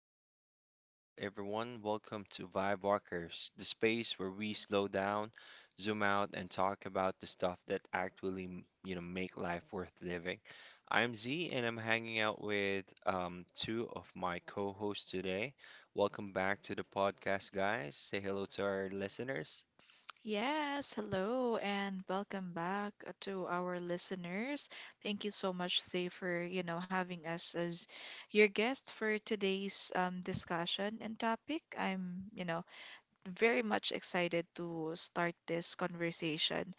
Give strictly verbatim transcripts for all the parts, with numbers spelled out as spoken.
back, uh, everyone. Welcome to Vibe Walkers, the space where we slow down, zoom out, and talk about the stuff that actually, m- you know, make life worth living. I'm Z, and I'm hanging out with um, two of my co-hosts today. Welcome back to the podcast, guys. Say hello to our listeners. Yes, hello, and welcome back uh, to our listeners. Thank you so much, Zay, for you know having us as your guest for today's um, discussion and topic. I'm you know very much excited to start this conversation.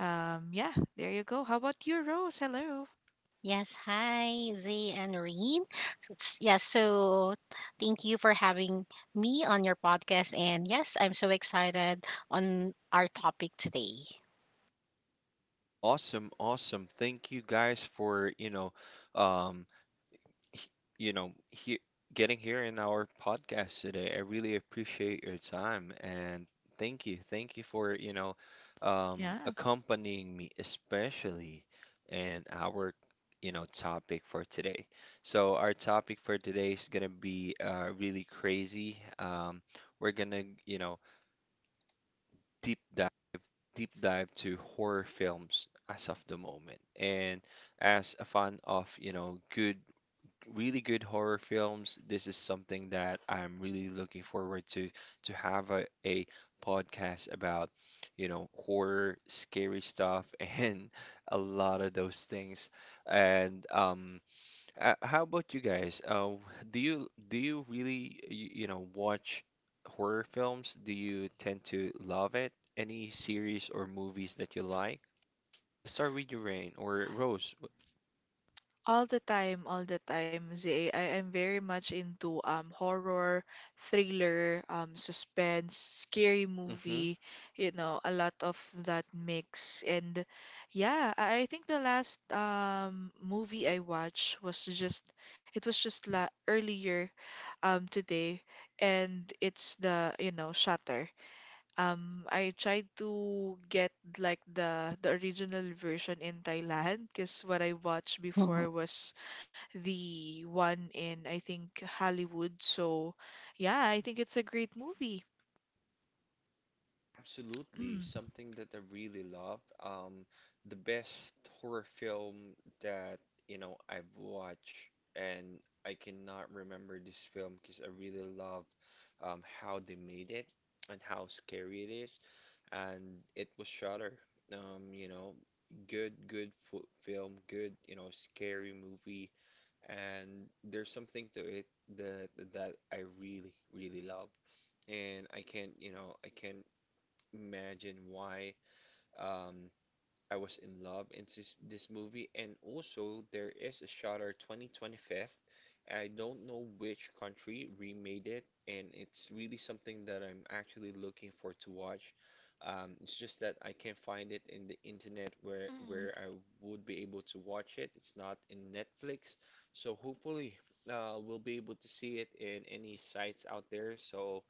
Um, yeah, there you go. How about you, Rose? Hello. Yes, hi, Zay and Reen. Yes, yeah, so thank you for having me on your podcast. And yes, I'm so excited on our topic today. Awesome, awesome. Thank you guys for, you know, um, h- you know, here getting here in our podcast today. I really appreciate your time and thank you. Thank you for, you know, um, Yeah. accompanying me, especially in our, you know, topic for today. So our topic for today is gonna be uh, really crazy. Um, we're gonna, you know, deep dive deep dive to horror films as of the moment. And as a fan of, you know, good really good horror films. This is something that I'm really looking forward to to have a, a podcast about, you know, horror, scary stuff, and a lot of those things. And um, uh, How about you guys? Uh, do you do you really you, you know watch horror films? Do you tend to love it? Any series or movies that you like? Let's start with you, Rain or Rose. All the time, all the time, Zay. I am very much into um horror, thriller, um suspense, scary Mm-hmm. movie, you know, a lot of that mix. And yeah, I, I think the last um movie I watched was just it was just la earlier um today, and it's the, you know, Shutter. Um, I tried to get like the the original version in Thailand, because what I watched Mm-hmm. before was the one in, I think, Hollywood. So yeah, I think it's a great movie. Absolutely, Mm. something that I really love. Um, the best horror film that you know I've watched, and I cannot remember this film because I really love um, how they made it and how scary it is. And it was Shudder. Um, you know, good, good fo film, good, you know, scary movie, and there's something to it that that I really, really love and I can't, you know, I can't imagine why um, I was in love into s- this movie. And also, there is a Shutter twenty twenty-five. I don't know which country remade it, and it's really something that I'm actually looking for to watch. Um, it's just that I can't find it in the internet where Mm. where I would be able to watch it. It's not in Netflix, so hopefully uh, we'll be able to see it in any sites out there. So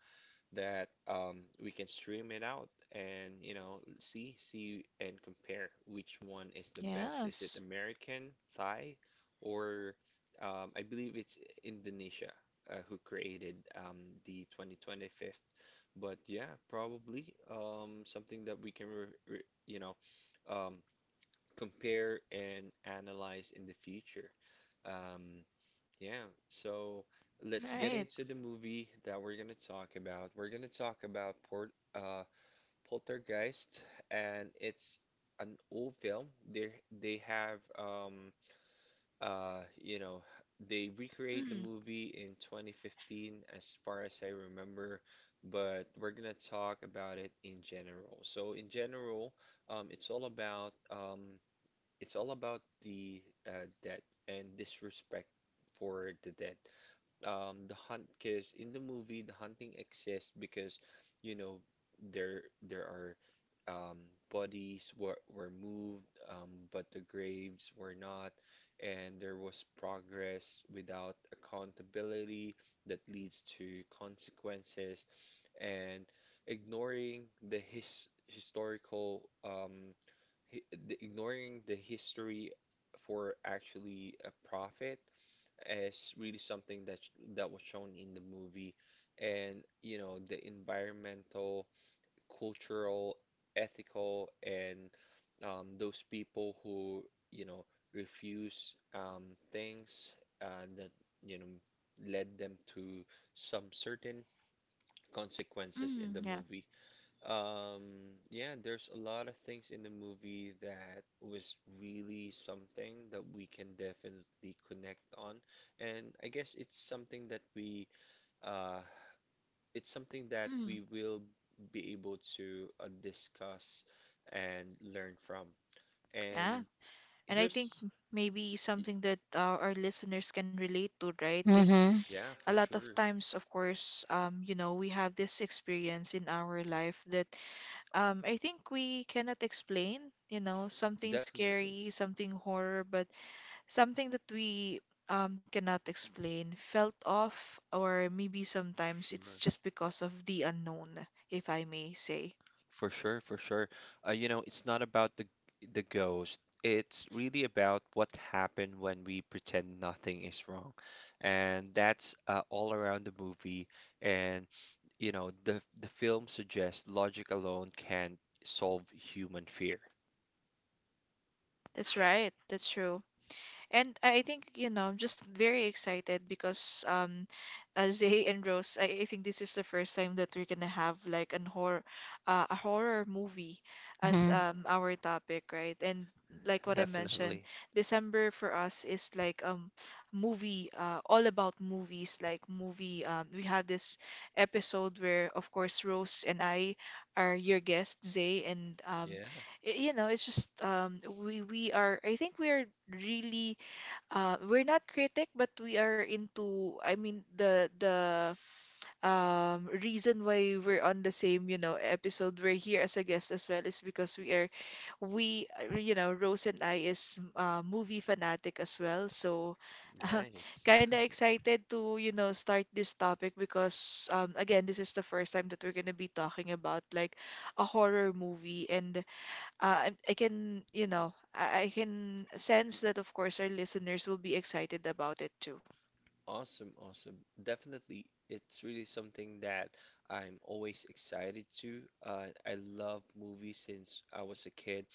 that um, we can stream it out and you know see see and compare which one is the best. Is it Yes. American, Thai, or um, I believe it's Indonesia uh, who created um, the twenty twenty-five. But yeah, probably um, something that we can re re you know um, compare and analyze in the future. Um, yeah, so let's get Right. into the movie that we're gonna talk about. We're gonna talk about Port, uh, Poltergeist, and it's an old film. They they have um uh you know they recreate Mm. the movie in twenty fifteen as far as I remember, but we're gonna talk about it in general. So in general, um, it's all about um it's all about the uh, dead and disrespect for the dead, um the hunt, because in the movie the hunting exists because you know there there are, um bodies were were moved, um but the graves were not, and there was progress without accountability that leads to consequences, and ignoring the his historical, um hi the, ignoring the history for actually a profit, is really something that sh- that was shown in the movie. And you know the environmental, cultural, ethical, and um, those people who you know refuse, um, things uh, that you know led them to some certain consequences in Mm. the Yeah. movie. um, yeah, there's a lot of things in the movie that was really something that we can definitely connect on. And I guess it's something that we uh it's something that Mm. we will be able to uh, discuss and learn from. Yeah. And And I think here's maybe y- something that uh, our listeners can relate to, right? Because Mm-hmm. yeah, a for lot of sure. times, of course, um, you know, we have this experience in our life that um, I think we cannot explain, you know, something Definitely. scary, something horror, but something that we um, cannot explain, felt off, or maybe sometimes it's Sure. just because of the unknown, if I may say. For sure, for sure. Uh, you know, it's not about the the ghost. It's really about what happened when we pretend nothing is wrong, and that's uh, all around the movie. And you know, the the film suggests logic alone can solve human fear. That's right. That's true. And I think, you know, I'm just very excited because um uh, Zay and Rose, I, I think this is the first time that we're gonna have like an horror uh, a horror movie as Mm-hmm. um our topic, right? And like what I mentioned, Definitely. December for us is like um movie uh, all about movies, like movie, um we had this episode where, of course, Rose and I are your guest, Zay. And um Yeah, y- you know, it's just um we we are, I think we are really uh we're not critic, but we are into, I mean, the the um reason why we're on the same, you know, episode, we're here as a guest as well, is because we are we uh, you know, Rose and I is uh, movie fanatic as well, so uh, nice. kind of excited to, you know, start this topic, because um again, this is the first time that we're gonna be talking about like a horror movie. And uh, I, I can, you know, I, I can sense that, of course, our listeners will be excited about it too. Awesome, awesome. Definitely, it's really something that I'm always excited to. Uh, I love movies since I was a kid,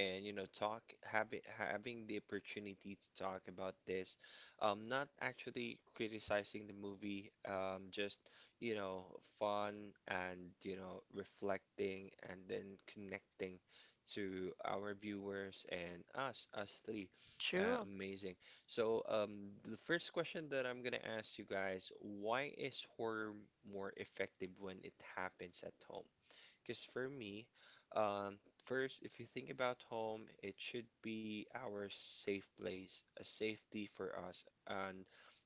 and you know, talk having having the opportunity to talk about this, um, not actually criticizing the movie, um, just you know, fun and you know, reflecting and then connecting to our viewers and us, us three. Uh, True. amazing. So, um, the first question that I'm gonna ask you guys, why is horror more effective when it happens at home? Because for me, um, first, if you think about home, it should be our safe place, a safety for us, and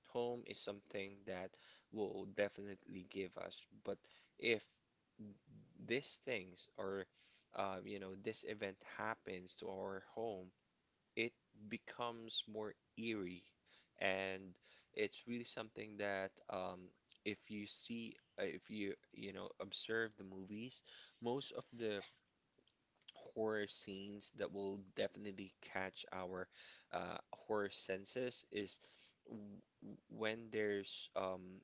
home is something that will definitely give us. But if these things or, um, you know, this event happens to our home, it becomes more eerie and it's really something that um, if you see uh, if you you know observe the movies, most of the horror scenes that will definitely catch our uh, horror senses is w when there's um,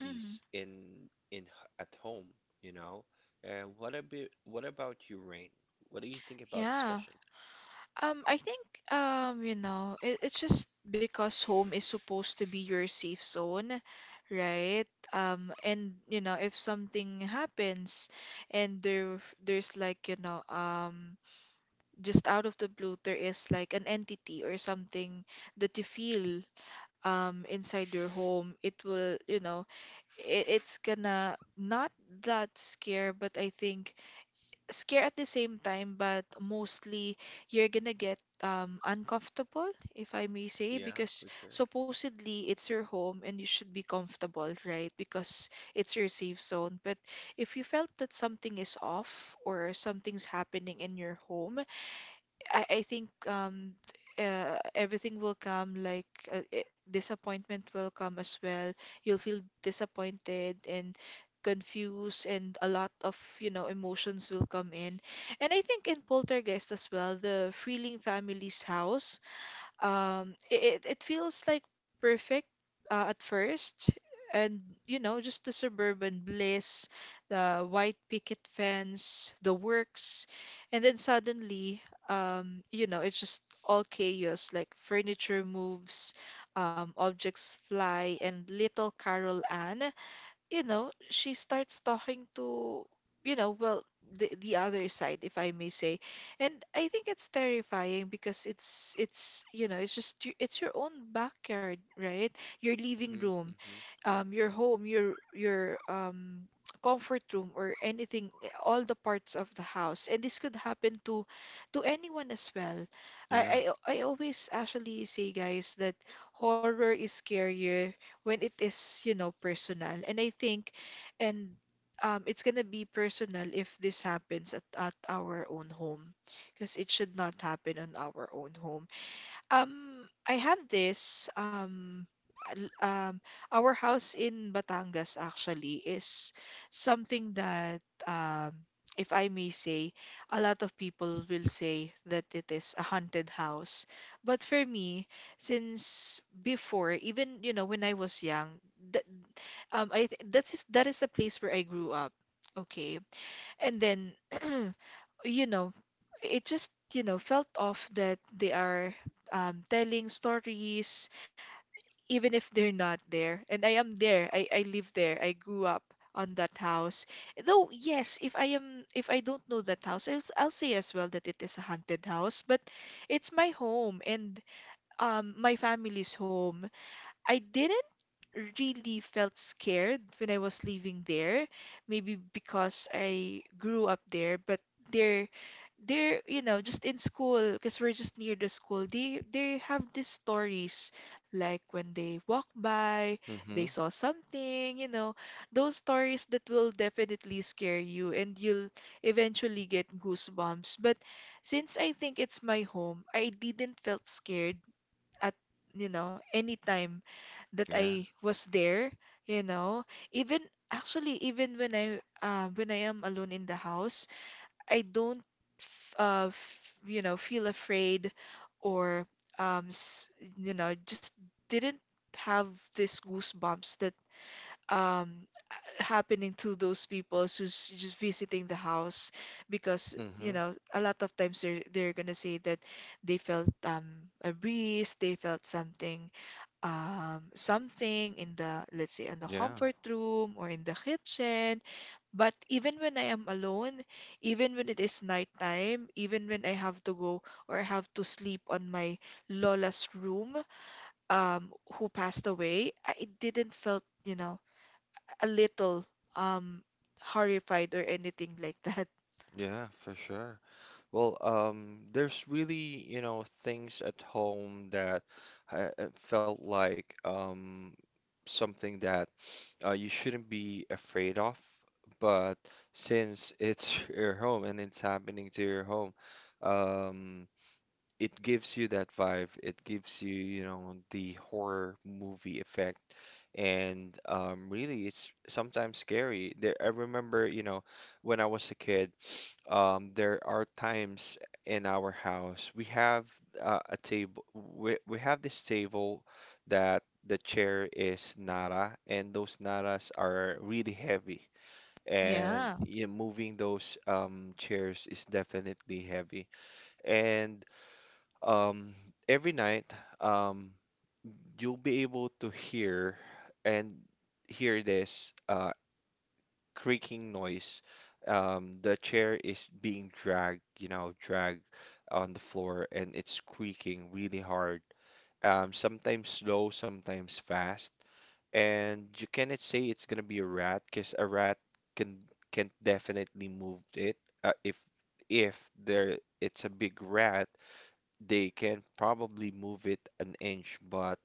Hmm. in in h- at home, you know. And what about what about you, Rain, what do you think about this Yeah. question? Um, I think, um, you know, it, it's just because home is supposed to be your safe zone, right? Um, and you know, if something happens and there there's like, you know, um, just out of the blue, there is like an entity or something that you feel um inside your home, it will, you know, it, it's gonna not that scare, but I think scare at the same time, but mostly you're gonna get um uncomfortable, if I may say, Yeah, because for sure. supposedly it's your home and you should be comfortable, right? Because it's your safe zone. But if you felt that something is off or something's happening in your home, I, I think um uh, everything will come like uh, i- disappointment will come as well. You'll feel disappointed and confused, and a lot of, you know, emotions will come in. And I think in Poltergeist as well, the Freeling family's house, um, it, it feels like perfect uh, at first. And, you know, just the suburban bliss, the white picket fence, the works. And then suddenly, um, you know, it's just all chaos, like furniture moves, um, objects fly, and little Carol Ann, you know, she starts talking to, you know, well, the the other side, if I may say. And I think it's terrifying because it's it's, you know, it's just y- it's your own backyard, right? Your living Mhm, room, mhm. um, your home, your your um, comfort room or anything, all the parts of the house. And this could happen to to anyone as well. Yeah. I I, I always actually say, guys, that horror is scarier when it is, you know, personal. And I think, and um, it's gonna be personal if this happens at, at our own home, because it should not happen on our own home. Um, I have this um l- um our house in Batangas actually is something that um if I may say, a lot of people will say that it is a haunted house. But for me, since before, even you know when I was young, that um I th that is that is the place where I grew up. Okay. And then you know, it just, you know, felt off that they are um, telling stories, even if they're not there. And I am there. I, I live there. I grew up on that house. Though, yes, if I am, if I don't know that house, I'll, s- I'll say as well that it is a haunted house, but it's my home and um, my family's home. I didn't really felt scared when I was living there, maybe because I grew up there. But they're they're you know, just in school, because we're just near the school, they they have these stories like when they walk by, they Hmm. saw something, you know, those stories that will definitely scare you and you'll eventually get goosebumps. But since I think it's my home, I didn't felt scared at, you know, any time that Yeah. I was there, you know. Even actually, even when I uh, when I am alone in the house, I don't f- uh f- you know, feel afraid or um s- you know, just didn't have this goosebumps that um happening to those people who's just visiting the house, because you Hmm. know, a lot of times they're they're gonna say that they felt um a breeze, they felt something, um, something in the, let's say, in the Yeah. comfort room or in the kitchen. But even when I am alone, even when it is nighttime, even when I have to go or I have to sleep on my Lola's room, um, who passed away, I didn't felt, you know, a little um horrified or anything like that. Yeah, for sure. Well, um, there's really, you know, things at home that uh, uh, felt like um, something that uh, you shouldn't be afraid of. But since it's your home and it's happening to your home, um, it gives you that vibe. It gives you, you know, the horror movie effect. And um, really, it's sometimes scary. There, I remember, you know, when I was a kid, um, there are times in our house we have uh, a table. We, we have this table that the chair is nara, and those naras are really heavy. And Yeah. yeah, moving those um, chairs is definitely heavy. And um, every night, um, you'll be able to hear and hear this uh, creaking noise. Um, the chair is being dragged, you know, dragged on the floor, and it's creaking really hard. Um, sometimes slow, sometimes fast, and you cannot say it's gonna be a rat, 'cause a rat can can definitely move it. Uh, if if there it's a big rat they can probably move it an inch, but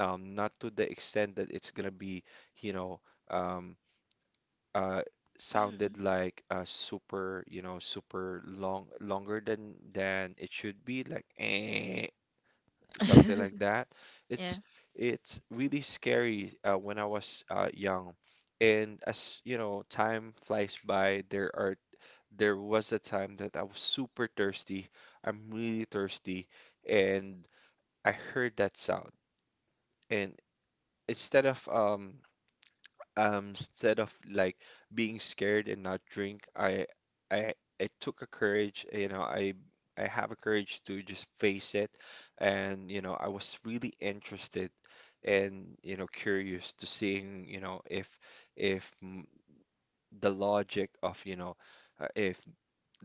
um, not to the extent that it's gonna be, you know, um, uh, Mm. sounded like uh, super, you know, super long, longer than than it should be, like eh, something like that. It's Yeah. it's really scary uh, when I was uh, young, and as you know, time flies by. There are there was a time that I was super thirsty. I'm really thirsty, and I heard that sound, and instead of um um instead of like being scared and not drink, I I I took a courage, you know, I I have a courage to just face it, and you know, I was really interested and you know curious to seeing you know if if mm, the logic of you know uh, if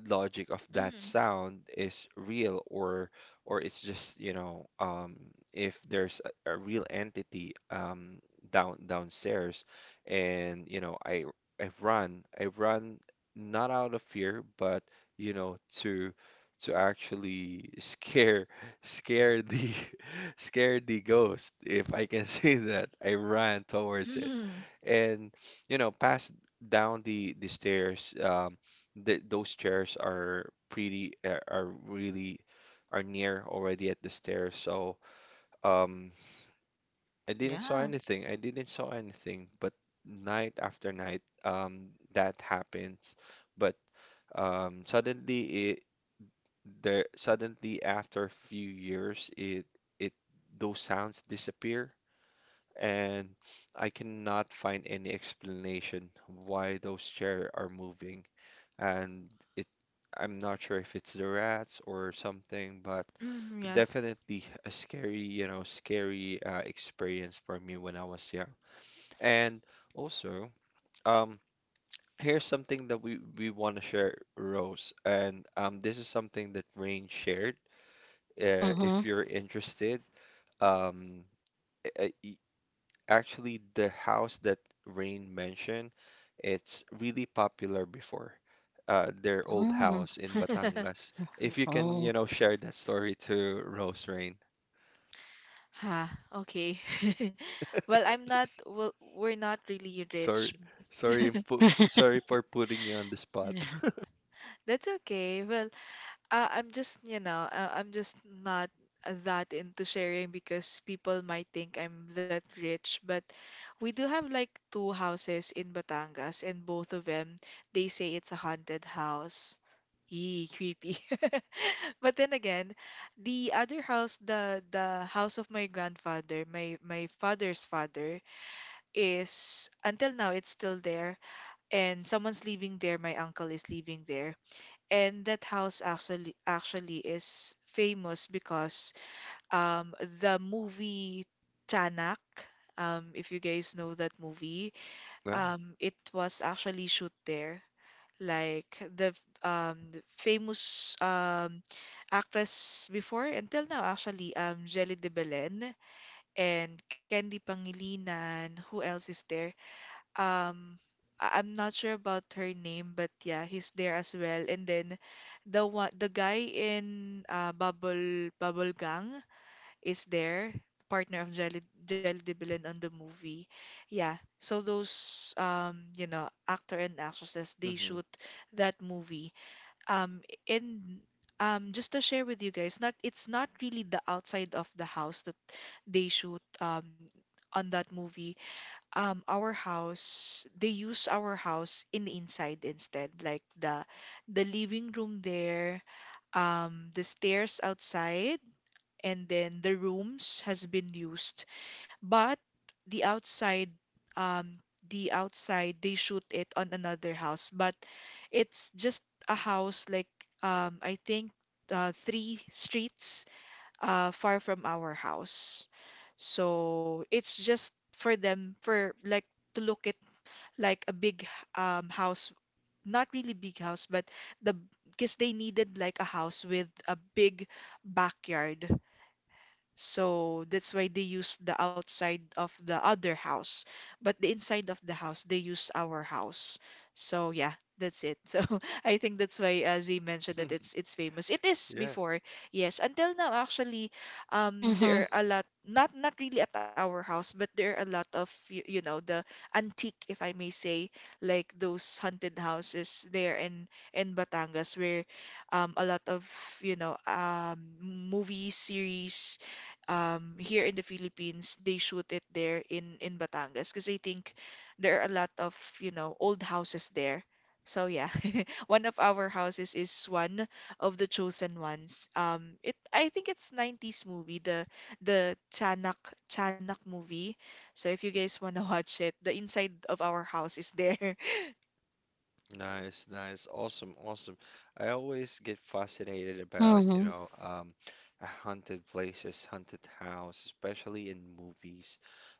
logic of that Mm. sound is real, or or it's just you know um, if there's a, a real entity um, down downstairs, and you know I I've run I've run not out of fear but you know to to actually scare scare the scare the ghost, if I can say that. I ran towards it Mm. and you know passed down the the stairs, um, th those chairs are pretty are are really are near already at the stairs. So um, I didn't saw Yeah. anything. I didn't saw anything. But night after night, um, that happens. But um, suddenly it there suddenly after a few years it it those sounds disappear, and I cannot find any explanation why those chairs are moving. And it I'm not sure if it's the rats or something, but Mm. definitely a scary, you know, scary uh, experience for me when I was young. And also, um, here's something that we we want to share, Rose, and um, this is something that Rain shared. Uh, Mm-hmm. if you're interested, um, uh, y- actually the house that Rain mentioned, it's really popular before. Uh, their old Mm-hmm. house in Yeah. Batangas. If you can, Oh. you know, share that story to Rose, Rain. Huh, okay. Well, I'm not, S- well, we're not really Sorry, rich. sorry, in pu- sorry for putting you on the spot. That's okay. Well, uh, I'm just, you know, uh, I'm just not that into sharing because people might think I'm that rich. But we do have like two houses in Batangas, and both of them, they say it's a haunted house. Eee, creepy. But then again, the other house, the the house of my grandfather, my my father's father, is until now it's still there, and someone's living there, my uncle is living there. And that house actually actually is famous because um the movie Chanak, um if you guys know that movie, Wow. um it was actually shoot there, like the um the famous um actress before until now, actually, um Jelly de Belen and Candy Pangilinan, who else is there, um I- I'm not sure about her name, but yeah, he's there as well. And then the one, the guy in uh, Bubble Bubble Gang is there, partner of Jelly Jelly de Belen on the movie. Yeah, so those um you know, actor and actresses, they shoot that movie. Um and um just to share with you guys, not it's not really the outside of the house that they shoot um on that movie. Um, our house, they use our house in the inside instead, like the the living room there, um the stairs outside, and then the rooms has been used. But the outside, um the outside, they shoot it on another house, but it's just a house like, um I think, uh, three streets uh, far from our house. So it's just for them for like to look at like a big um house, not really big house, but the because they needed like a house with a big backyard, so that's why they use the outside of the other house, but the inside of the house, they use our house. So yeah, that's it. So I think that's why uh, Z mentioned that Hmm. it's it's famous. It is before, yes. Until now, actually, um, Mm-hmm. there are a lot, not not really at our house, but there are a lot of you, you know, the antique, if I may say, like those haunted houses there in in Batangas, where um a lot of, you know, um movie series, um, here in the Philippines, they shoot it there in in Batangas, because I think there are a lot of, you know, old houses there. So yeah, one of our houses is one of the chosen ones. Um, it I think it's nineties movie, the the Chanak Chanak movie. So if you guys wanna watch it, the inside of our house is there. Nice, nice, awesome, awesome. I always get fascinated about, you Mm-hmm. know, um, haunted places, haunted house, especially in movies.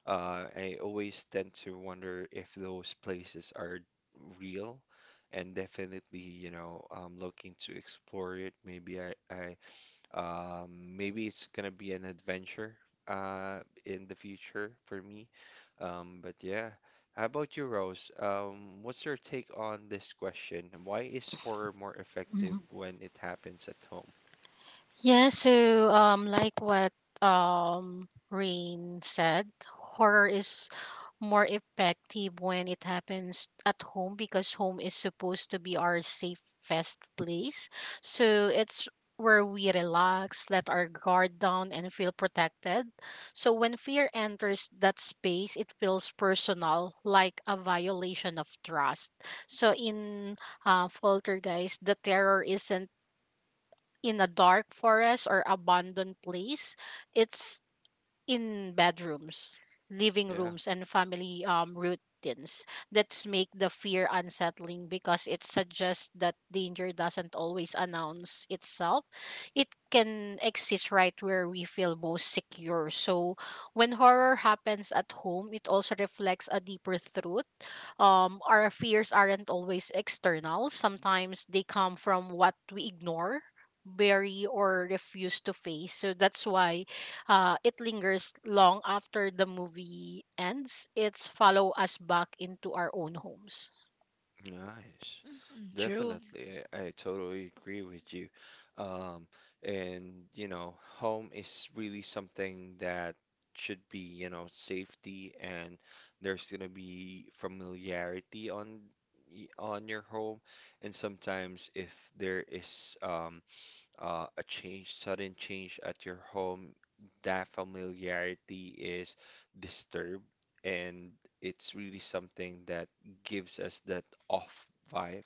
Uh, I always tend to wonder if those places are real, and definitely, you know, I'm looking to explore it. Maybe I, I um, maybe it's gonna be an adventure uh in the future for me. Um, but yeah. How about you, Rose? Um, what's your take on this question? Why is horror more effective when it happens at home? Yeah, so um like what um Rain said, horror is more effective when it happens at home because home is supposed to be our safest place. So it's where we relax, let our guard down and feel protected. So when fear enters that space, it feels personal, like a violation of trust. So in uh, Poltergeist, the terror isn't in a dark forest or abandoned place. It's in bedrooms, living Yeah. rooms, and family um, routines. That's make the fear unsettling because it suggests that danger doesn't always announce itself. It can exist right where we feel most secure. So when horror happens at home, it also reflects a deeper truth. Um, our fears aren't always external. Sometimes they come from what we ignore bury or refuse to face. So that's why uh, it lingers long after the movie ends. It's follow us back into our own homes. Nice. Mm, true. Definitely, I, I totally agree with you. Um, and you know, home is really something that should be, you know, safety and there's gonna be familiarity on y- on your home. And sometimes if there is um, uh, a change, sudden change at your home, that familiarity is disturbed, and it's really something that gives us that off vibe.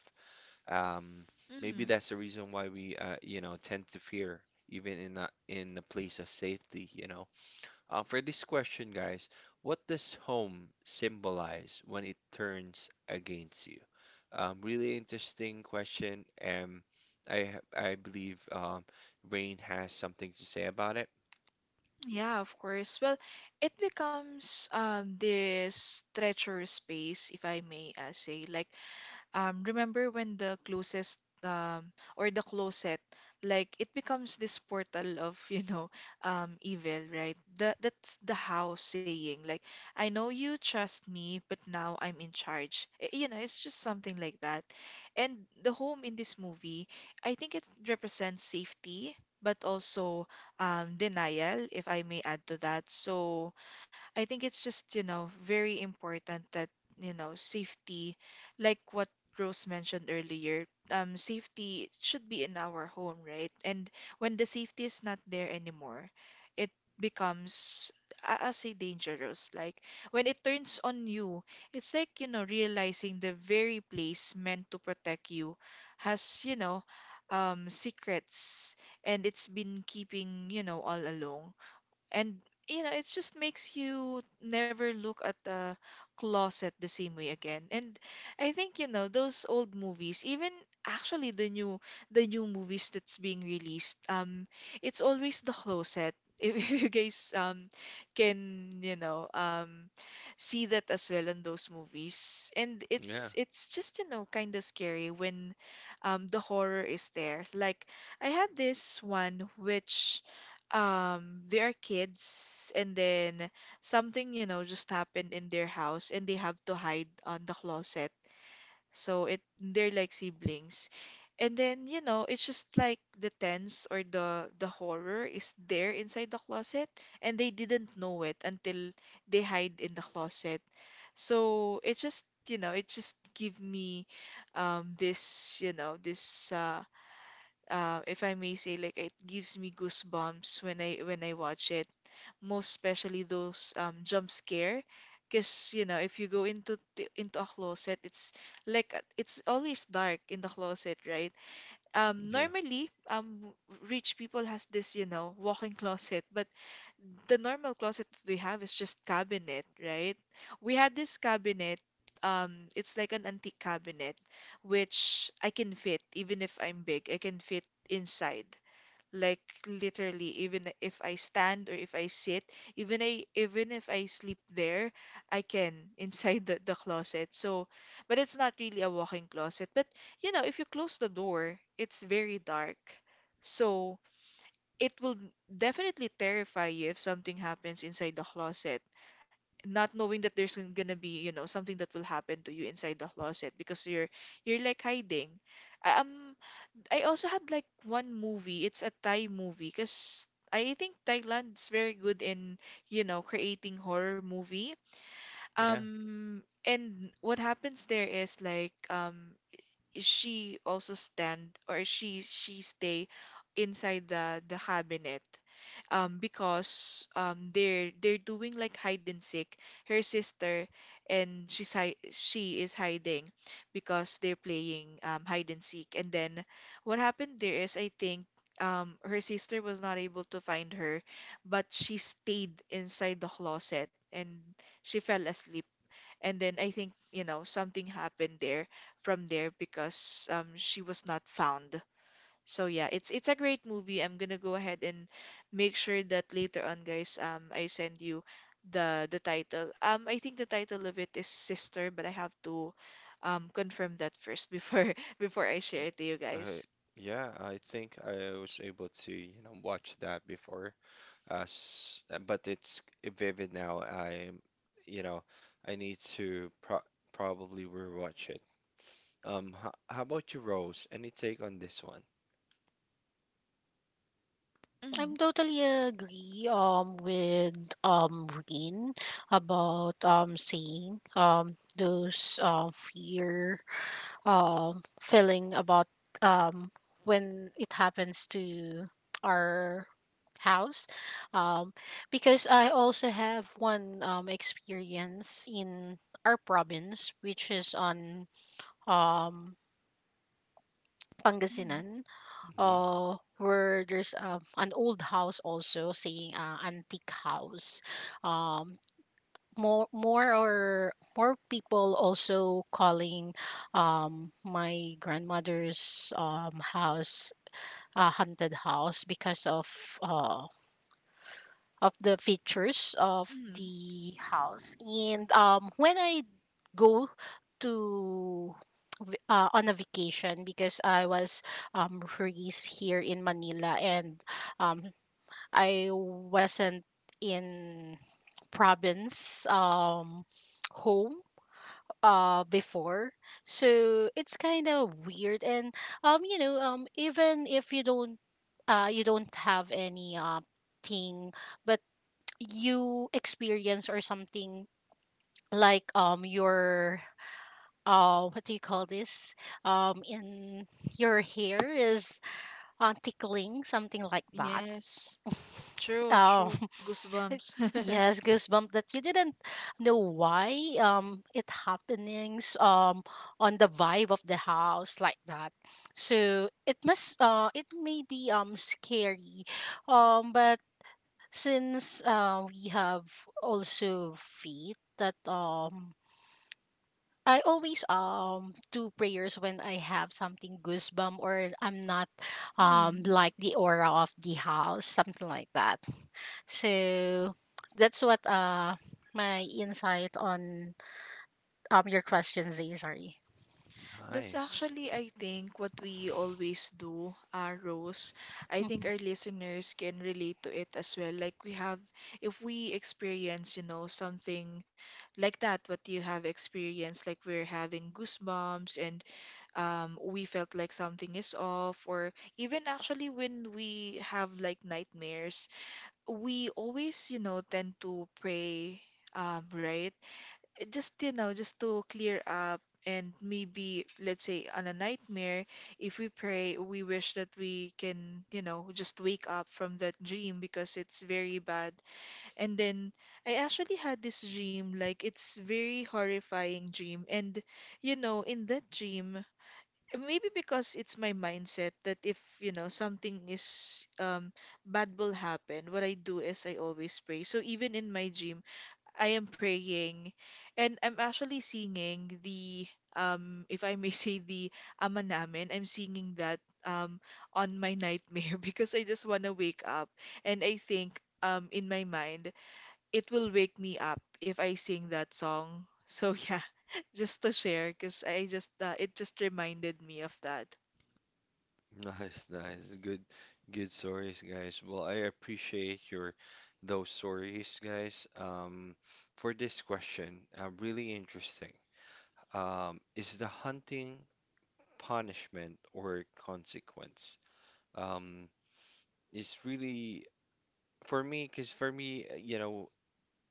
Um, Maybe that's the reason why we, uh, you know, tend to fear, even in a, in a place of safety, you know. Um, for this question, guys, what does home symbolize when it turns against you? Um, really interesting question, and I ha- I believe um, Rain has something to say about it. Yeah, of course. Well, it becomes um this treacherous space, if I may uh, say. Like um, remember when the closest um, or the closet, like it becomes this portal of, you know, um, evil, right? The, that's the how saying. Like, I know you trust me, but now I'm in charge. Eh, You know, it's just something like that. And the home in this movie, I think it represents safety, but also um, denial, if I may add to that. So, I think it's just, you know, very important that, you know, safety, like what Rose mentioned earlier, um, safety should be in our home, right? And when the safety is not there anymore, it becomes, I- I'll say, dangerous. Like when it turns on you, it's like, you know, realizing the very place meant to protect you has, you know, um, secrets, and it's been keeping, you know, all along. And you know, it just makes you never look at the closet the same way again. And I think, you know, those old movies, even actually the new the new movies that's being released, um, it's always the closet. If you guys um can, you know, um see that as well in those movies. And Yeah, it's it's just, you know, kind of scary when um the horror is there. Like I had this one which um they are kids, and then something you know just happened in their house, and they have to hide on the closet. So it they're like siblings, and then you know it's just like the tense or the the horror is there inside the closet, and they didn't know it until they hide in the closet. So it just you know it just give me um this you know this uh uh, if I may say, like it gives me goosebumps when I when I watch it. Most especially those um, jump scare, because you know if you go into t- into a closet, it's like uh, it's always dark in the closet, right? Um, yeah, normally um, rich people has this you know walk-in closet, but the normal closet that we have is just cabinet, right? We had this cabinet, um, it's like an antique cabinet, which I can fit even if I'm big. I can fit inside. Like literally, even if I stand or if I sit, even I even if I sleep there, I can inside the, the closet. So, but it's not really a walk-in closet. But you know, if you close the door, it's very dark. So it will definitely terrify you if something happens inside the closet, not knowing that there's gonna be you know something that will happen to you inside the closet, because you're you're like hiding. Uh, um I also had like one movie, it's a Thai movie, because I think Thailand's very good in you know creating horror movie. yeah. Um and what happens there is like um she also stand or she she stay inside the the cabinet, um because um they're they're doing like hide and seek, her sister. And she's hi she is hiding because they're playing um hide and seek. And then what happened there is I think um her sister was not able to find her, but she stayed inside the closet and she fell asleep. And then I think, you know, something happened there from there, because um, she was not found. So yeah, it's it's a great movie. I'm gonna go ahead and make sure that later on, guys, um, I send you the the title. Um, I think the title of it is Sister, but I have to um confirm that first before before I share it to you Uh, guys. yeah, I think I was able to, you know, watch that before. Uh, s- uh, but it's vivid now. I, you know, I need to pro probably rewatch it. Um, how, how about you, Rose? Any take on this one? Mm, Mm, I'm totally agree um with um Reen about um saying um those um fear um feeling about um when it happens to our house um because I also have one um experience in our province which is on um mm, Pangasinan Hmm. uh where there's um an old house also saying uh, antique house um more more or more people also calling um my grandmother's um house a haunted house because of uh of the features of mm. the house and um when I go to v- uh, on a vacation because I was um, raised here in Manila and, um, I wasn't in province, um, home uh, before. So it's kind of weird and, um, you know, um, even if you don't, uh, you don't have any, uh, thing but you experience or something like, um your, uh, what do you call this? Um, in your hair is, uh, tickling, something like that. Yes, true, Um, true. Goosebumps. yes, goosebump that you didn't know why um it happenings um on the vibe of the house like that. So it must uh it may be um scary, um but since uh we have also feet that um I always um do prayers when I have something goosebump or I'm not um Mm, like the aura of the house, something like that. So that's what uh my insight on um your question, Zay, sorry. That's Nice. actually, I think, what we always do, uh, Rose. I think Mm-hmm. our listeners can relate to it as well. Like we have, if we experience, you know, something like that, what you have experienced, like we're having goosebumps, and um, we felt like something is off, or even actually when we have like nightmares, we always, you know, tend to pray, um, right? Just you know just to clear up. And maybe let's say on a nightmare, if we pray, we wish that we can you know just wake up from that dream, because it's very bad. And then I actually had this dream, like it's very horrifying dream. And you know in that dream, maybe because it's my mindset that if you know something is um bad will happen, what I do is I always pray. So even in my dream I am praying, and I'm actually singing the um if I may say the Ama Namin. I'm singing that um on my nightmare because I just want to wake up. And I think um in my mind it will wake me up if I sing that song. So yeah, just to share because I just uh, it just reminded me of that. Nice, nice. Good, good stories, guys. Well, I appreciate your those stories, guys. Um, for this question, uh, really interesting. Um, is the hunting punishment or consequence? Um, it's really for me, because for me, uh, you know,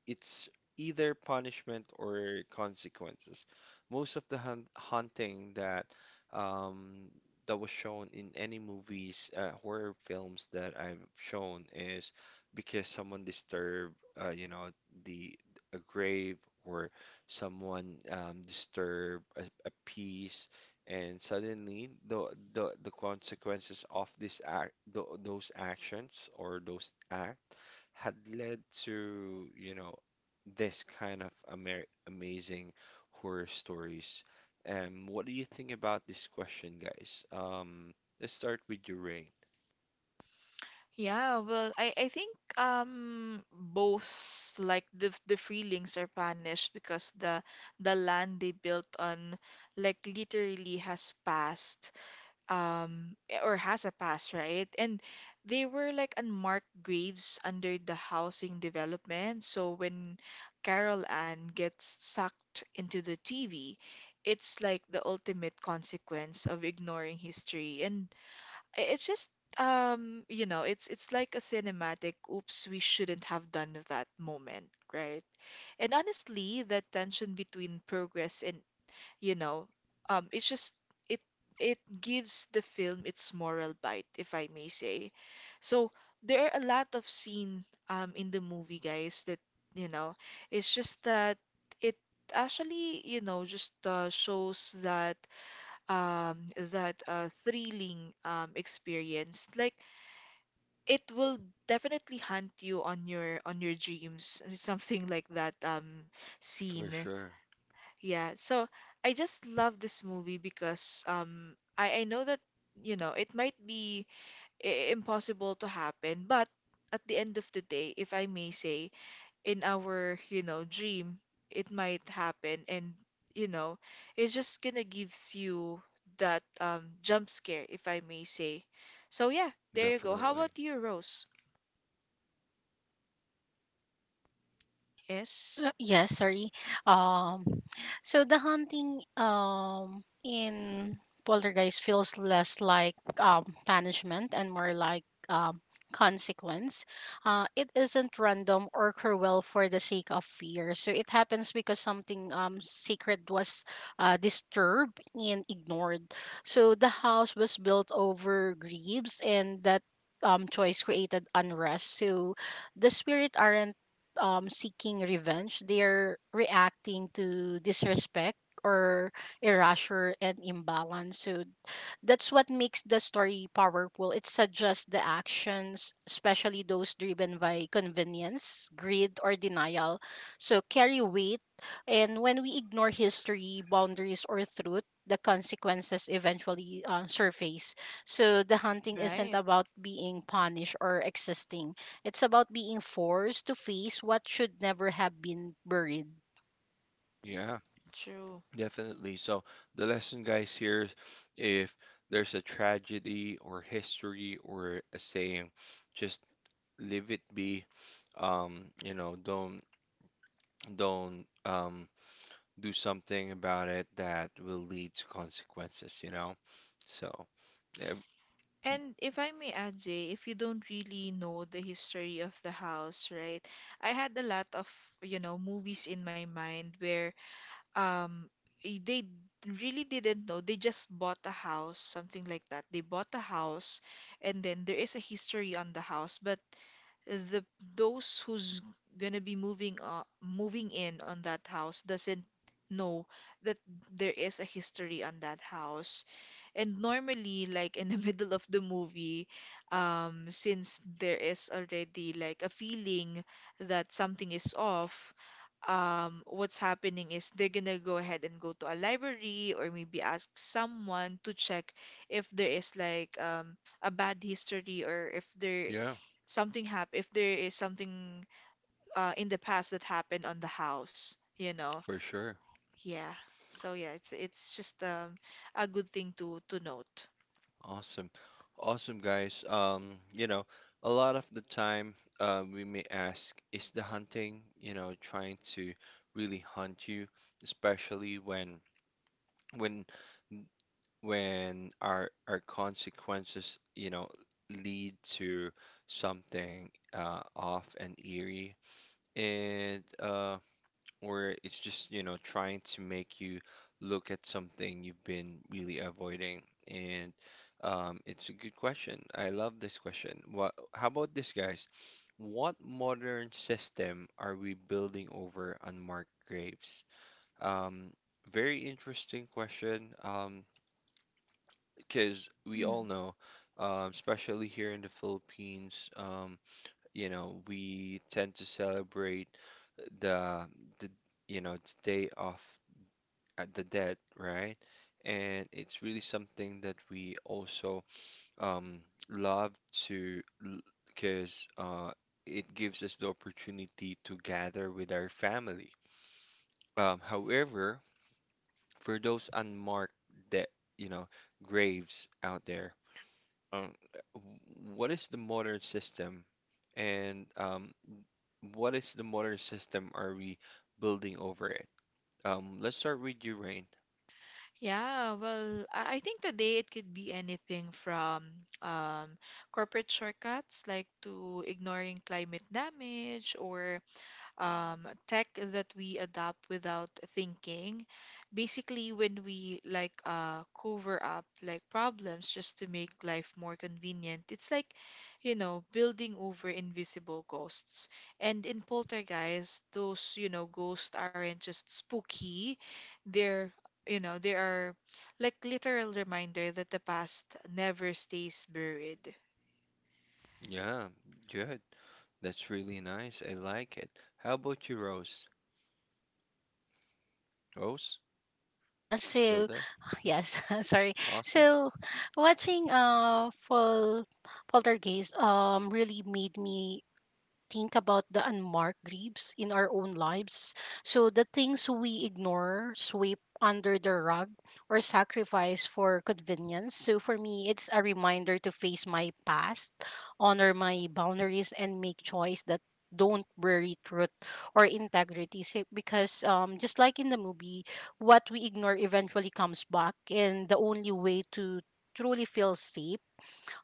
it's either punishment or consequences. Most of the hun hunting that um, that was shown in any movies, uh, horror films that I've shown is because someone disturbed, uh, you know, the a grave or someone um, disturbed a, a peace, and suddenly the the the consequences of this act, tho- those actions or those act had led to, you know, this kind of amer amazing horror stories. Um, what do you think about this question, guys? Um, let's start with your rain. Yeah, well, I, I think um both like the f- the Freelings are punished because the the land they built on like literally has passed um or has a past, right? And they were like unmarked graves under the housing development. So when Carol Ann gets sucked into the T V, it's like the ultimate consequence of ignoring history. And I- It's just um, you know, it's it's like a cinematic, oops, we shouldn't have done that moment, right? And honestly, that tension between progress and, you know, um, it's just it it gives the film its moral bite, if I may say. So there are a lot of scene um in the movie, guys, that, you know, it's just that it actually, you know, just uh, shows that um, that uh, thrilling um, experience. Like it will definitely hunt you on your on your dreams, something like that um, For scene. sure. Yeah. So I just love this movie because um, I I know that you know it might be i- impossible to happen, but at the end of the day, if I may say, in our, you know, dream, it might happen. And, you know, it's just gonna gives you that um, jump scare, if I may say. So yeah, there you go. How Definitely. about you, Rose? Yes, So yeah, sorry. Um, so the hunting um in Poltergeist feels less like um punishment and more like um consequence. Uh, it isn't random or cruel for the sake of fear. So it happens because something um sacred was uh disturbed and ignored. So the house was built over griefs and that um choice created unrest. So the spirit aren't, um, seeking revenge. They're reacting to disrespect or erasure and imbalance. So that's what makes the story powerful. It suggests the actions, especially those driven by convenience, greed, or denial. So carry weight. And when we ignore history, boundaries, or truth, the consequences eventually, uh, surface. So the hunting isn't right, about being punished or existing, it's about being forced to face what should never have been buried. Yeah, true. definitely. So the lesson, guys, here is if there's a tragedy or history or a saying, just leave it be. Um, you know, don't don't um do something about it that will lead to consequences, you know. So yeah, And if I may add, Zay, if you don't really know the history of the house, right? I had a lot of, you know, movies in my mind where um i- they really didn't know. They just bought a house, something like that. They bought a house, and then there is a history on the house, but the those who's gonna be moving uh, moving in on that house doesn't know that there is a history on that house. And normally, like in the middle of the movie, um, since there is already like a feeling that something is off, um, what's happening is they're gonna go ahead and go to a library or maybe ask someone to check if there is like um, a bad history, or if there yeah, something happen, if there is something uh in the past that happened on the house, you know. for sure. Yeah. So yeah, it's it's just um a good thing to to note. Awesome. Awesome, guys. Um, you know, a lot of the time, uh, we may ask, is the hunting, you know, trying to really hunt you, especially when when when our our consequences, you know, lead to something uh off and eerie. And um or it's just, you know, trying to make you look at something you've been really avoiding. And um, it's a good question. I love this question. What, how about this, guys? What modern system are we building over unmarked graves? Um, Very interesting question, um, because we Mm. all know, um, especially here in the Philippines, um, you know, we tend to celebrate the the you know the day of at the dead, right? And it's really something that we also um, love to, because uh, it gives us the opportunity to gather with our family. Um, however, for those unmarked de you know, graves out there, um, what is the modern system, and um, what is the modern system are we building over it? Um, let's start with you, Rain. Yeah, well, I I think today it could be anything from um, corporate shortcuts like to ignoring climate damage, or um, tech that we adopt without thinking. Basically, when we like uh, cover up like problems just to make life more convenient, it's like, you know, building over invisible ghosts. And in Poltergeist, those, you know, ghosts aren't just spooky, they're you know, they are like literal reminder that the past never stays buried, Yeah, good. That's really nice. I like it. How about you, Rose? Rose, Yeah, you still so there? yes, sorry. Awesome. So watching uh Fall Poltergeist um really made me think about the unmarked graves in our own lives. So the things we ignore, sweep under the rug, or sacrifice for convenience. So for me, it's a reminder to face my past, honor my boundaries, and make choice that don't bury truth or integrity Si- because um just like in the movie what we ignore eventually comes back and the only way to truly feel safe,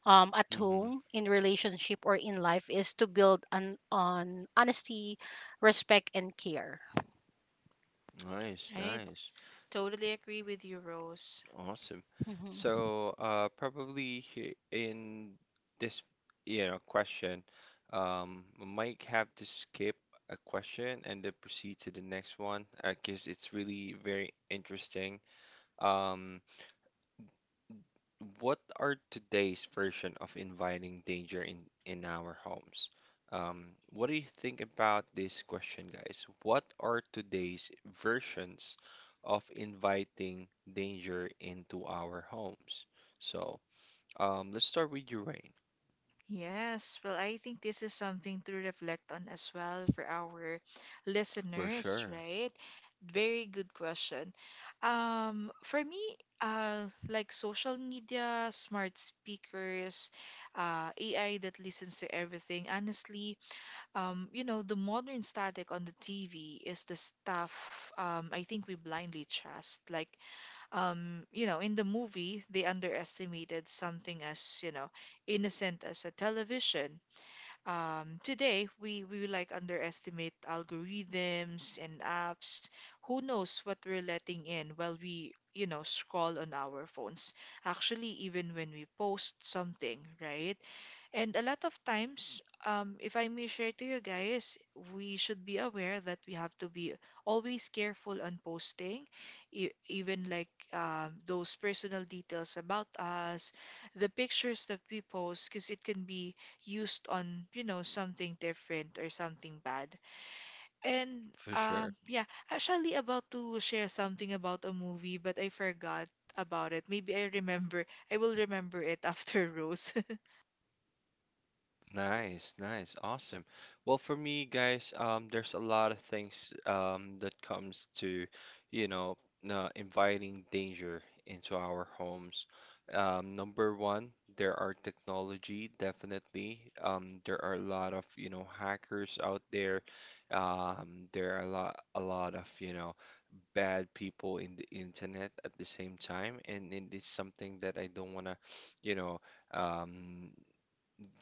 um, at Hmm. home, in relationship, or in life is to build on on honesty, respect, and care. Nice, right? nice. Totally agree with you, Rose. Awesome. Mm-hmm. So, uh, probably he- in this, you know, question, um, we might have to skip a question and then proceed to the next one, uh, 'cause it's really very interesting. Um, what are today's version of inviting danger in in our homes? Um, what do you think about this question, guys? What are today's versions of inviting danger into our homes? So, um, let's start with you, Rain. Yes, well, I think this is something to reflect on as well for our For listeners, sure, right? Very good question. Um, for me, uh, like social media, smart speakers, uh, A I that listens to everything, honestly, um, you know, the modern static on the T V is the stuff um, I think we blindly trust. Like, um, you know, in the movie, they underestimated something as, you know, innocent as a television. Um, today, we, we like underestimate algorithms and apps. Who knows what we're letting in while we, you know, scroll on our phones. Actually, even when we post something, right? And a lot of times, um, if I may share to you guys, we should be aware that we have to be always careful on posting, e even like um, those personal details about us, the pictures that we post, because it can be used on, you know, something different or something bad. And for sure. um, yeah, actually about to share something about a movie, but I forgot about it. Maybe I remember. I will remember it after Rose. Nice, nice, awesome. Well, for me, guys, um, there's a lot of things um, that comes to, you know, uh, inviting danger into our homes. Um, number one, there are technology, definitely. Um, there are a lot of, you know, hackers out there. Um, there are a lot, a lot of, you know, bad people in the internet at the same time, and, and it's something that I don't wanna, you know, um,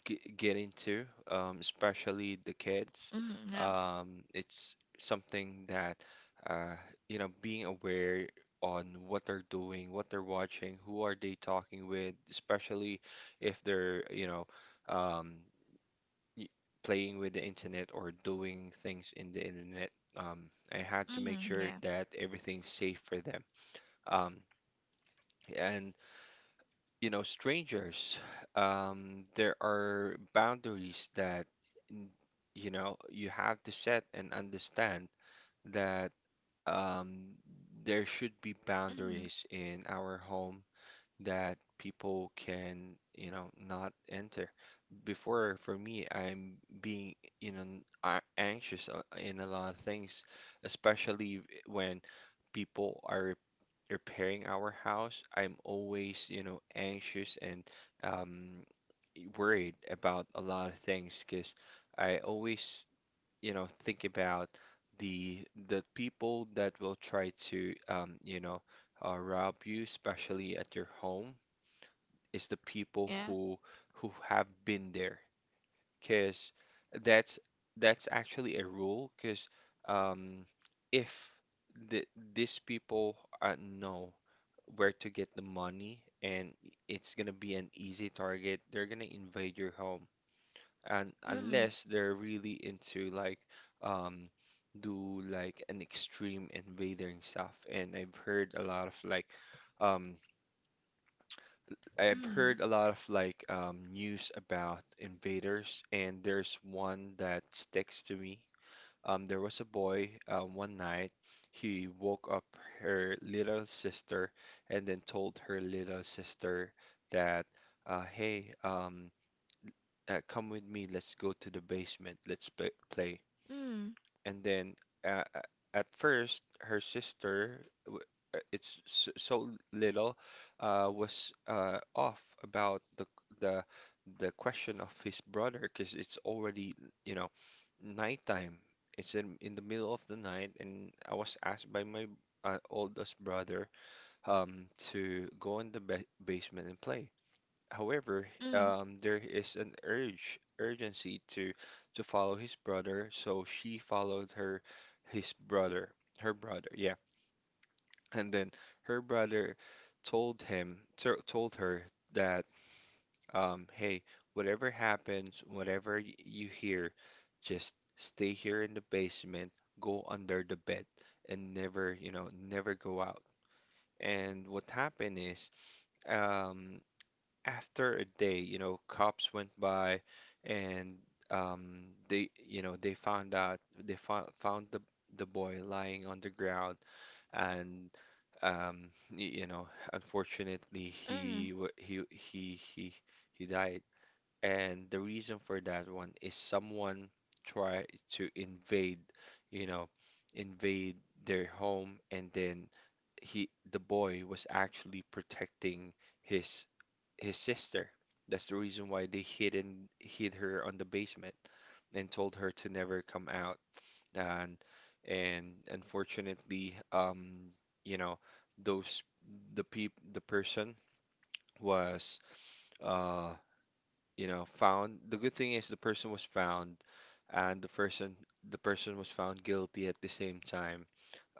g- get into, um, especially the kids. Mm, yeah. Um, it's something that, uh, you know, being aware on what they're doing, what they're watching, who are they talking with, especially if they're, you know, um, y- playing with the internet or doing things in the internet. Um, I had to make Mm, sure yeah. that everything's safe for them. Um, and you know, strangers, um, there are boundaries that, n- you know, you have to set and understand that um, there should be Mm, boundaries in our home that people can, you know, not enter. Before, for me, I'm being, you know, n- a- anxious uh, in a lot of things, especially when people are repairing our house, I'm always, you know, anxious and um, worried about a lot of things because I always, you know, think about the the people that will try to, um, you know, uh, rob you, especially at your home, is the people yeah. who who have been there, because that's that's actually a rule, because um, if the, these people uh, know where to get the money, and it's gonna be an easy target. They're gonna invade your home, and Mm, unless they're really into like um do like an extreme invading stuff. And I've heard a lot of like um I've heard a lot of like um news about invaders, and there's one that sticks to me um, there was a boy uh, one night. He woke up her little sister and then told her little sister that, uh, hey, um, uh, come with me. Let's go to the basement. Let's play. Play. mm, mm, And then uh, uh, at first, her sister, w- uh, it's so, so little, uh, was uh, off about the the the question of his brother because it's already you know nighttime. It's in, in the middle of the night, and I was asked by my uh, oldest brother um, to go in the ba basement and play. However, mm, um, there is an urge urgency to to follow his brother, so she followed her his brother, her brother, yeah. And then her brother told him to, told her that um, hey, whatever happens, whatever y- you hear, just stay here in the basement, go under the bed, and never, you know, never go out. And what happened is, um, after a day, you know, cops went by, and um, they, you know, they found out, they found found the the boy lying on the ground, and um, y- you know, unfortunately, mm. he wa- he he he he died and the reason for that one is someone tried to invade, you know, invade their home, and then he, the boy, was actually protecting his his sister. That's the reason why they hid and hid her on the basement and told her to never come out. And and unfortunately, um, you know, those the peop the person was uh you know, found. The good thing is the person was found, and the person the person was found guilty at the same time,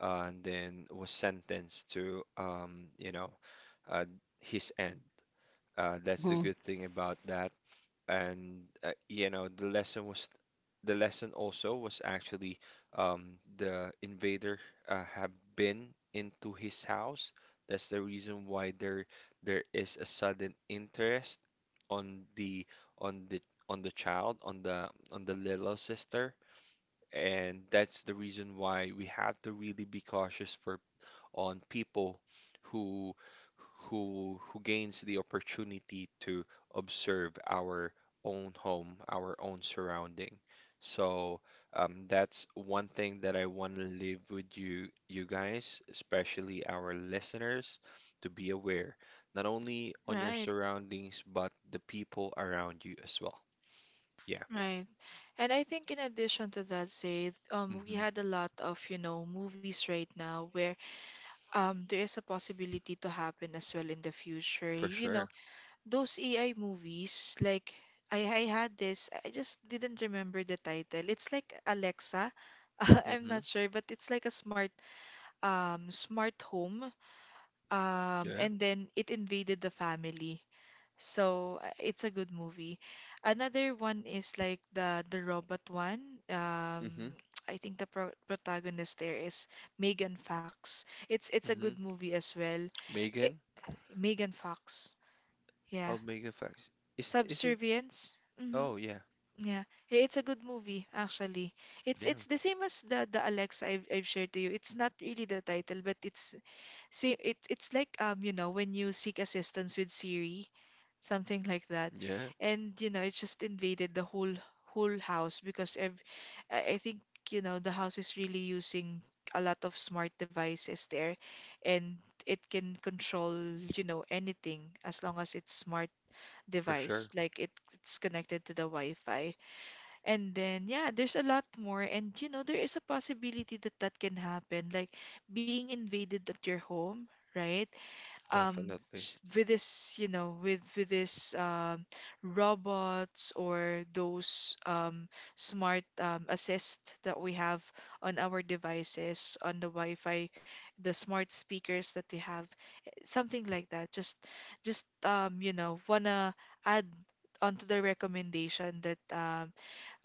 uh, and then was sentenced to um, you know, uh, his end. Uh, that's the Mm-hmm. good thing about that and uh, you know the lesson was the lesson also was actually um, the invader uh, have been into his house. That's the reason why there there is a sudden interest on the on the on the child on the on the little sister, and that's the reason why we have to really be cautious for on people who who who gains the opportunity to observe our own home, our own surrounding. So um, that's one thing that I want to leave with you, you guys, especially our listeners, to be aware not only on your Right. surroundings but the people around you as well. Yeah. Right. And I think in addition to that, Zaid, um, we Mm-hmm. had a lot of, you know, movies right now where um there is a possibility to happen as well in the future. For You know, sure. those A I movies, like I, I had this, I just didn't remember the title. It's like Alexa. I'm Mm-hmm. not sure, but it's like a smart um, smart home, um, Yeah. and then it invaded the family. So uh, it's a good movie. Another one is like the the robot one. Um, Mm-hmm. I think the pro protagonist there is Megan Fox. It's it's a good Mm-hmm. movie as well. It, Megan. Megan Fox. Yeah. Omega Facts. Is is it? Subservience. hmm Oh yeah, yeah, Eh, it's a good movie actually. It's yeah, it's the same as the the Alexa I've I've shared to you. It's not really the title, but it's see, it, it's like um, you know, when you seek assistance with Siri, something like that, yeah, and you know, it just invaded the whole whole house because ev I I think you know the house is really using a lot of smart devices there, and it can control, you know, anything as long as it's smart for sure, device, like it, it's connected to the Wi-Fi. And then yeah, there's a lot more, and you know, there is a possibility that that can happen, like being invaded at your home. Right? um definitely. S- with this, you know, with with this um robots or those um smart um assist that we have on our devices on the Wi-Fi, the smart speakers that we have, something like that, just just um you know wanna add onto the recommendation that um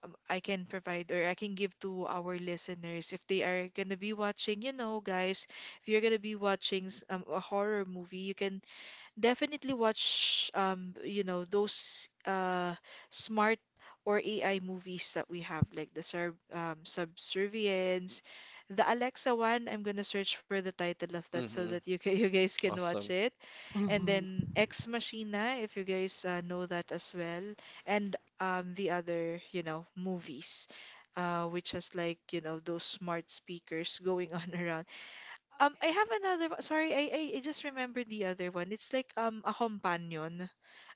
um, I can provide or I can give to our listeners. If they are gonna be watching, you know, guys, if you're gonna be watching s- um, a horror movie, you can definitely watch um you know those uh smart or A I movies that we have, like the Serb um Subservience, the Alexa one. I'm gonna search for the title of that so Mm-hmm. that you ca you guys can watch Awesome. it. And Mm-hmm. then Ex Machina, if you guys uh, know that as well, and um the other, you know, movies, uh which has, like, you know, those smart speakers going on around. um, I have another. one- Sorry, I, I I just remembered the other one. It's like um a companion.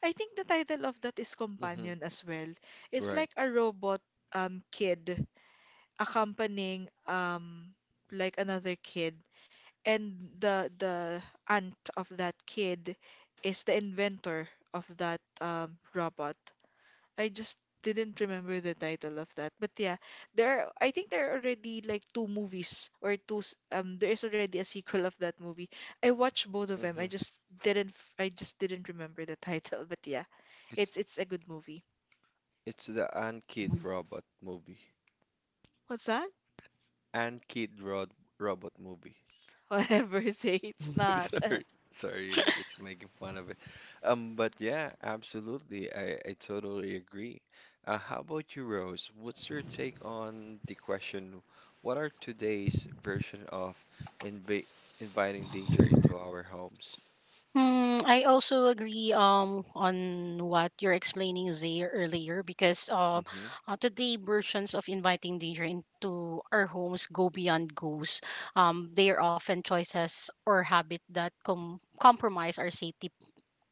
I think the title of that is Mm-hmm. companion as well. It's Right. like a robot um kid accompanying um like another kid, and the the aunt of that kid is the inventor of that um robot. I just didn't remember the title of that. But yeah, there I think there are already like two movies or two s- um there is already a sequel of that movie. I watched both of them. Mm-hmm. I just didn't f- I just didn't remember the title, but yeah. It's It's it's a good movie. it's the Ant Mm-hmm. Kid Robot movie. What's that? Ant Kid Rod Robot movie. Whatever say it's Mm-hmm. not. Sorry, sorry, you're just making fun of it. Um, but yeah, absolutely. I, I totally agree. Uh, how about you, Rose? What's your take on the question, what are today's version of inv inviting danger into our homes? Mm, I also agree um on what you're explaining there earlier because um Mm-hmm. uh, today versions of inviting danger into our homes go beyond goals. Um, they are often choices or habit that com- compromise our safety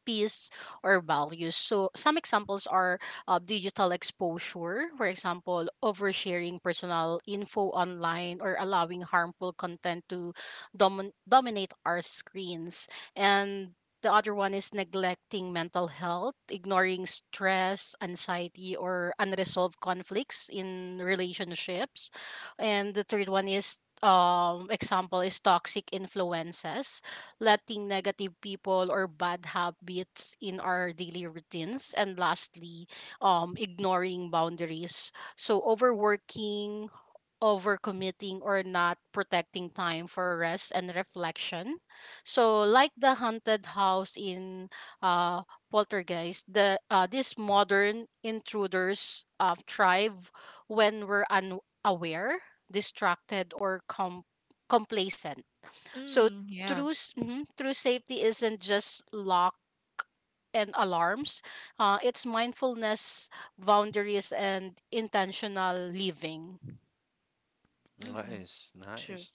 peace or values. So some examples are, uh, digital exposure, for example, oversharing personal info online or allowing harmful content to domin- dominate our screens. And the other one is neglecting mental health, ignoring stress, anxiety, or unresolved conflicts in relationships. And the third one is um example is toxic influences letting negative people or bad habits in our daily routines, and lastly, um, ignoring boundaries. So, overworking, overcommitting, or not protecting time for rest and reflection. So, like the haunted house in uh, Poltergeist, the uh, these modern intruders uh, thrive when we're unaware, distracted, or com- complacent. So mm, yeah. true, s- mhm, true safety isn't just lock and alarms. Uh, it's mindfulness, boundaries, and intentional living. Mm-hmm. Nice, nice.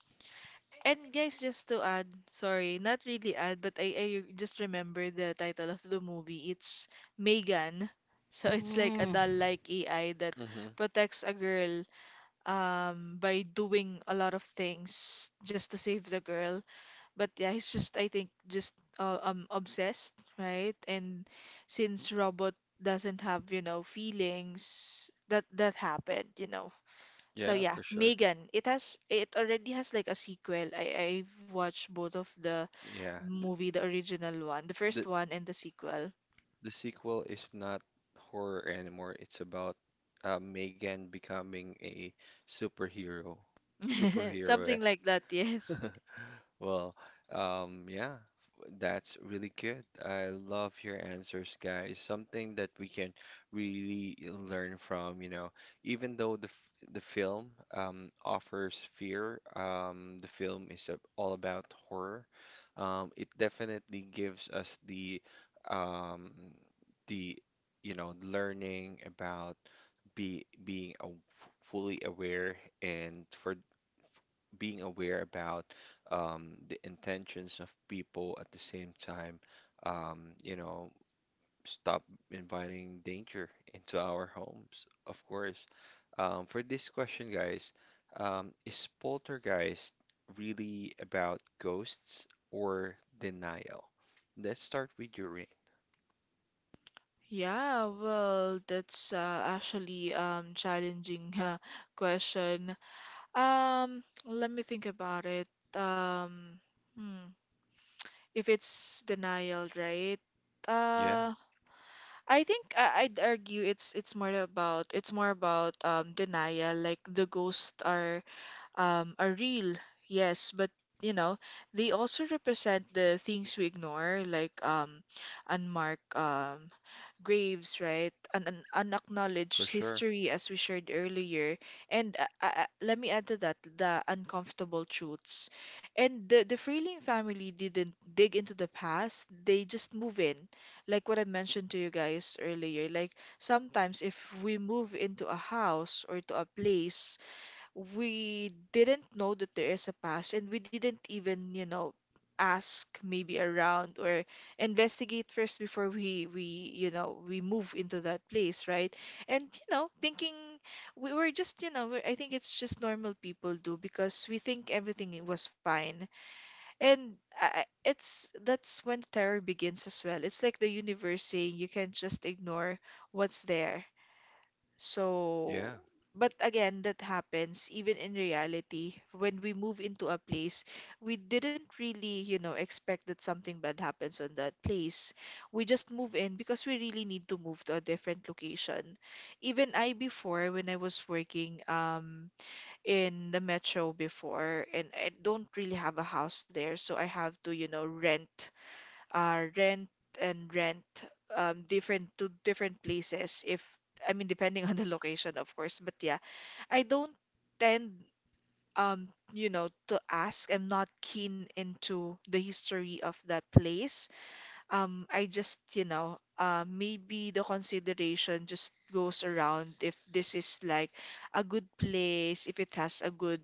And guys, just to add, sorry, not really add, but I, I just remember the title of the movie. It's Megan. So it's like a Mm, doll-like A I that Mm-hmm. protects a girl um by doing a lot of things just to save the girl. But yeah, he's just I think just uh, um obsessed, right? And since robot doesn't have, you know, feelings, that that happened, you know. So Yeah, yeah, for sure. Megan. It has it already has like a sequel. I I've watched both of the Yeah. Th movie, the original one, the th first one and the sequel. The sequel is not horror anymore. It's about uh, Megan becoming a superhero, Something like superhero-esque. that, yes. Well, um, yeah, that's really good. I love your answers, guys. Something that we can really learn from, you know, even though the f the film um, offers fear, um, the film is a- all about horror. Um, it definitely gives us the um, the you know learning about be being a, fully aware and for being aware about um, the intentions of people at the same time, um, you know, stop inviting danger into our homes, of course. Um, for this question, guys, um, is poltergeist really about ghosts or denial? Let's start with your ring. Yeah, well, that's uh, actually um challenging uh, question. Um, let me think about it. Um, hmm, if it's denial, right? Yeah, Uh, I think I- I'd argue it's it's more about, it's more about um denial. Like the ghosts are um are real, yes, but you know they also represent the things we ignore, like um unmarked um graves, right? An, an for unacknowledged sure. history, as we shared earlier. And uh, uh, uh, let me add to that the uncomfortable truths. And the, the Freeling family didn't dig into the past, they just move in. Like what I mentioned to you guys earlier. Like sometimes if we move into a house or to a place, we didn't know that there is a past, and we didn't even, you know, ask maybe around or investigate first before we we you know we move into that place, right? And you know thinking we were just, you know, we're- I think it's just normal people do because we think everything was fine. And I, I- it's that's when the terror begins as well. It's like the universe saying you can't just ignore what's there. So, Yeah, but again, that happens even in reality. When we move into a place, we didn't really, you know, expect that something bad happens on that place. We just move in because we really need to move to a different location. Even I before, when I was working um in the metro before, and I don't really have a house there, so I have to, you know, rent uh, rent and rent um, different to different places if I mean, depending on the location of course. But yeah, I don't tend um you know to ask. I'm not keen into the history of that place. um, I just, you know, uh, maybe the consideration just goes around if this is like a good place, if it has a good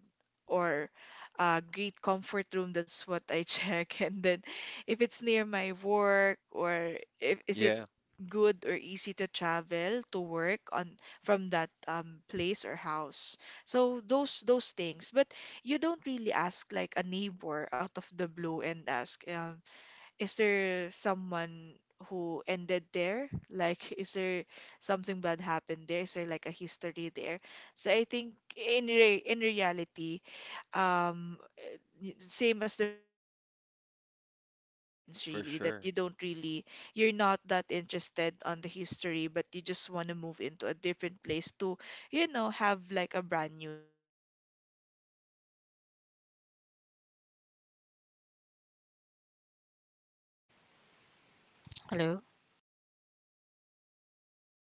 or a great comfort room. That's what I check. And then if it's near my work, or if is it yeah, good or easy to travel to work on from that um, place or house. So those those things. But you don't really ask like a neighbor out of the blue and ask. Um, is there someone who ended there? Like, is there something bad happened there? Is there like a history there? So I think in re in reality, um, y- same as the Freeling family, it, it happens for really that sure. you don't really, you're not that interested on the history, but you just want to move into a different place to, you know, have like a brand new life and start over again, if I may. Definitely. Definitely. It's really Yes. something. And So, Z. hello. guys, I wanna I wanna, you know,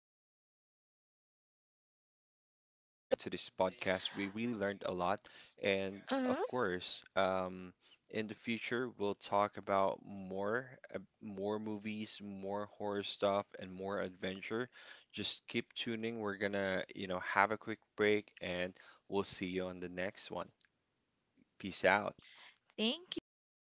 thank you for coming uh, to this podcast. We uh, really learned a lot. And of course, um, in the future we'll talk about more uh, more movies, more horror stuff, and more adventure. Just keep tuning. We're gonna, you know, have a quick break and we'll see you on the next one. Peace out. thank you.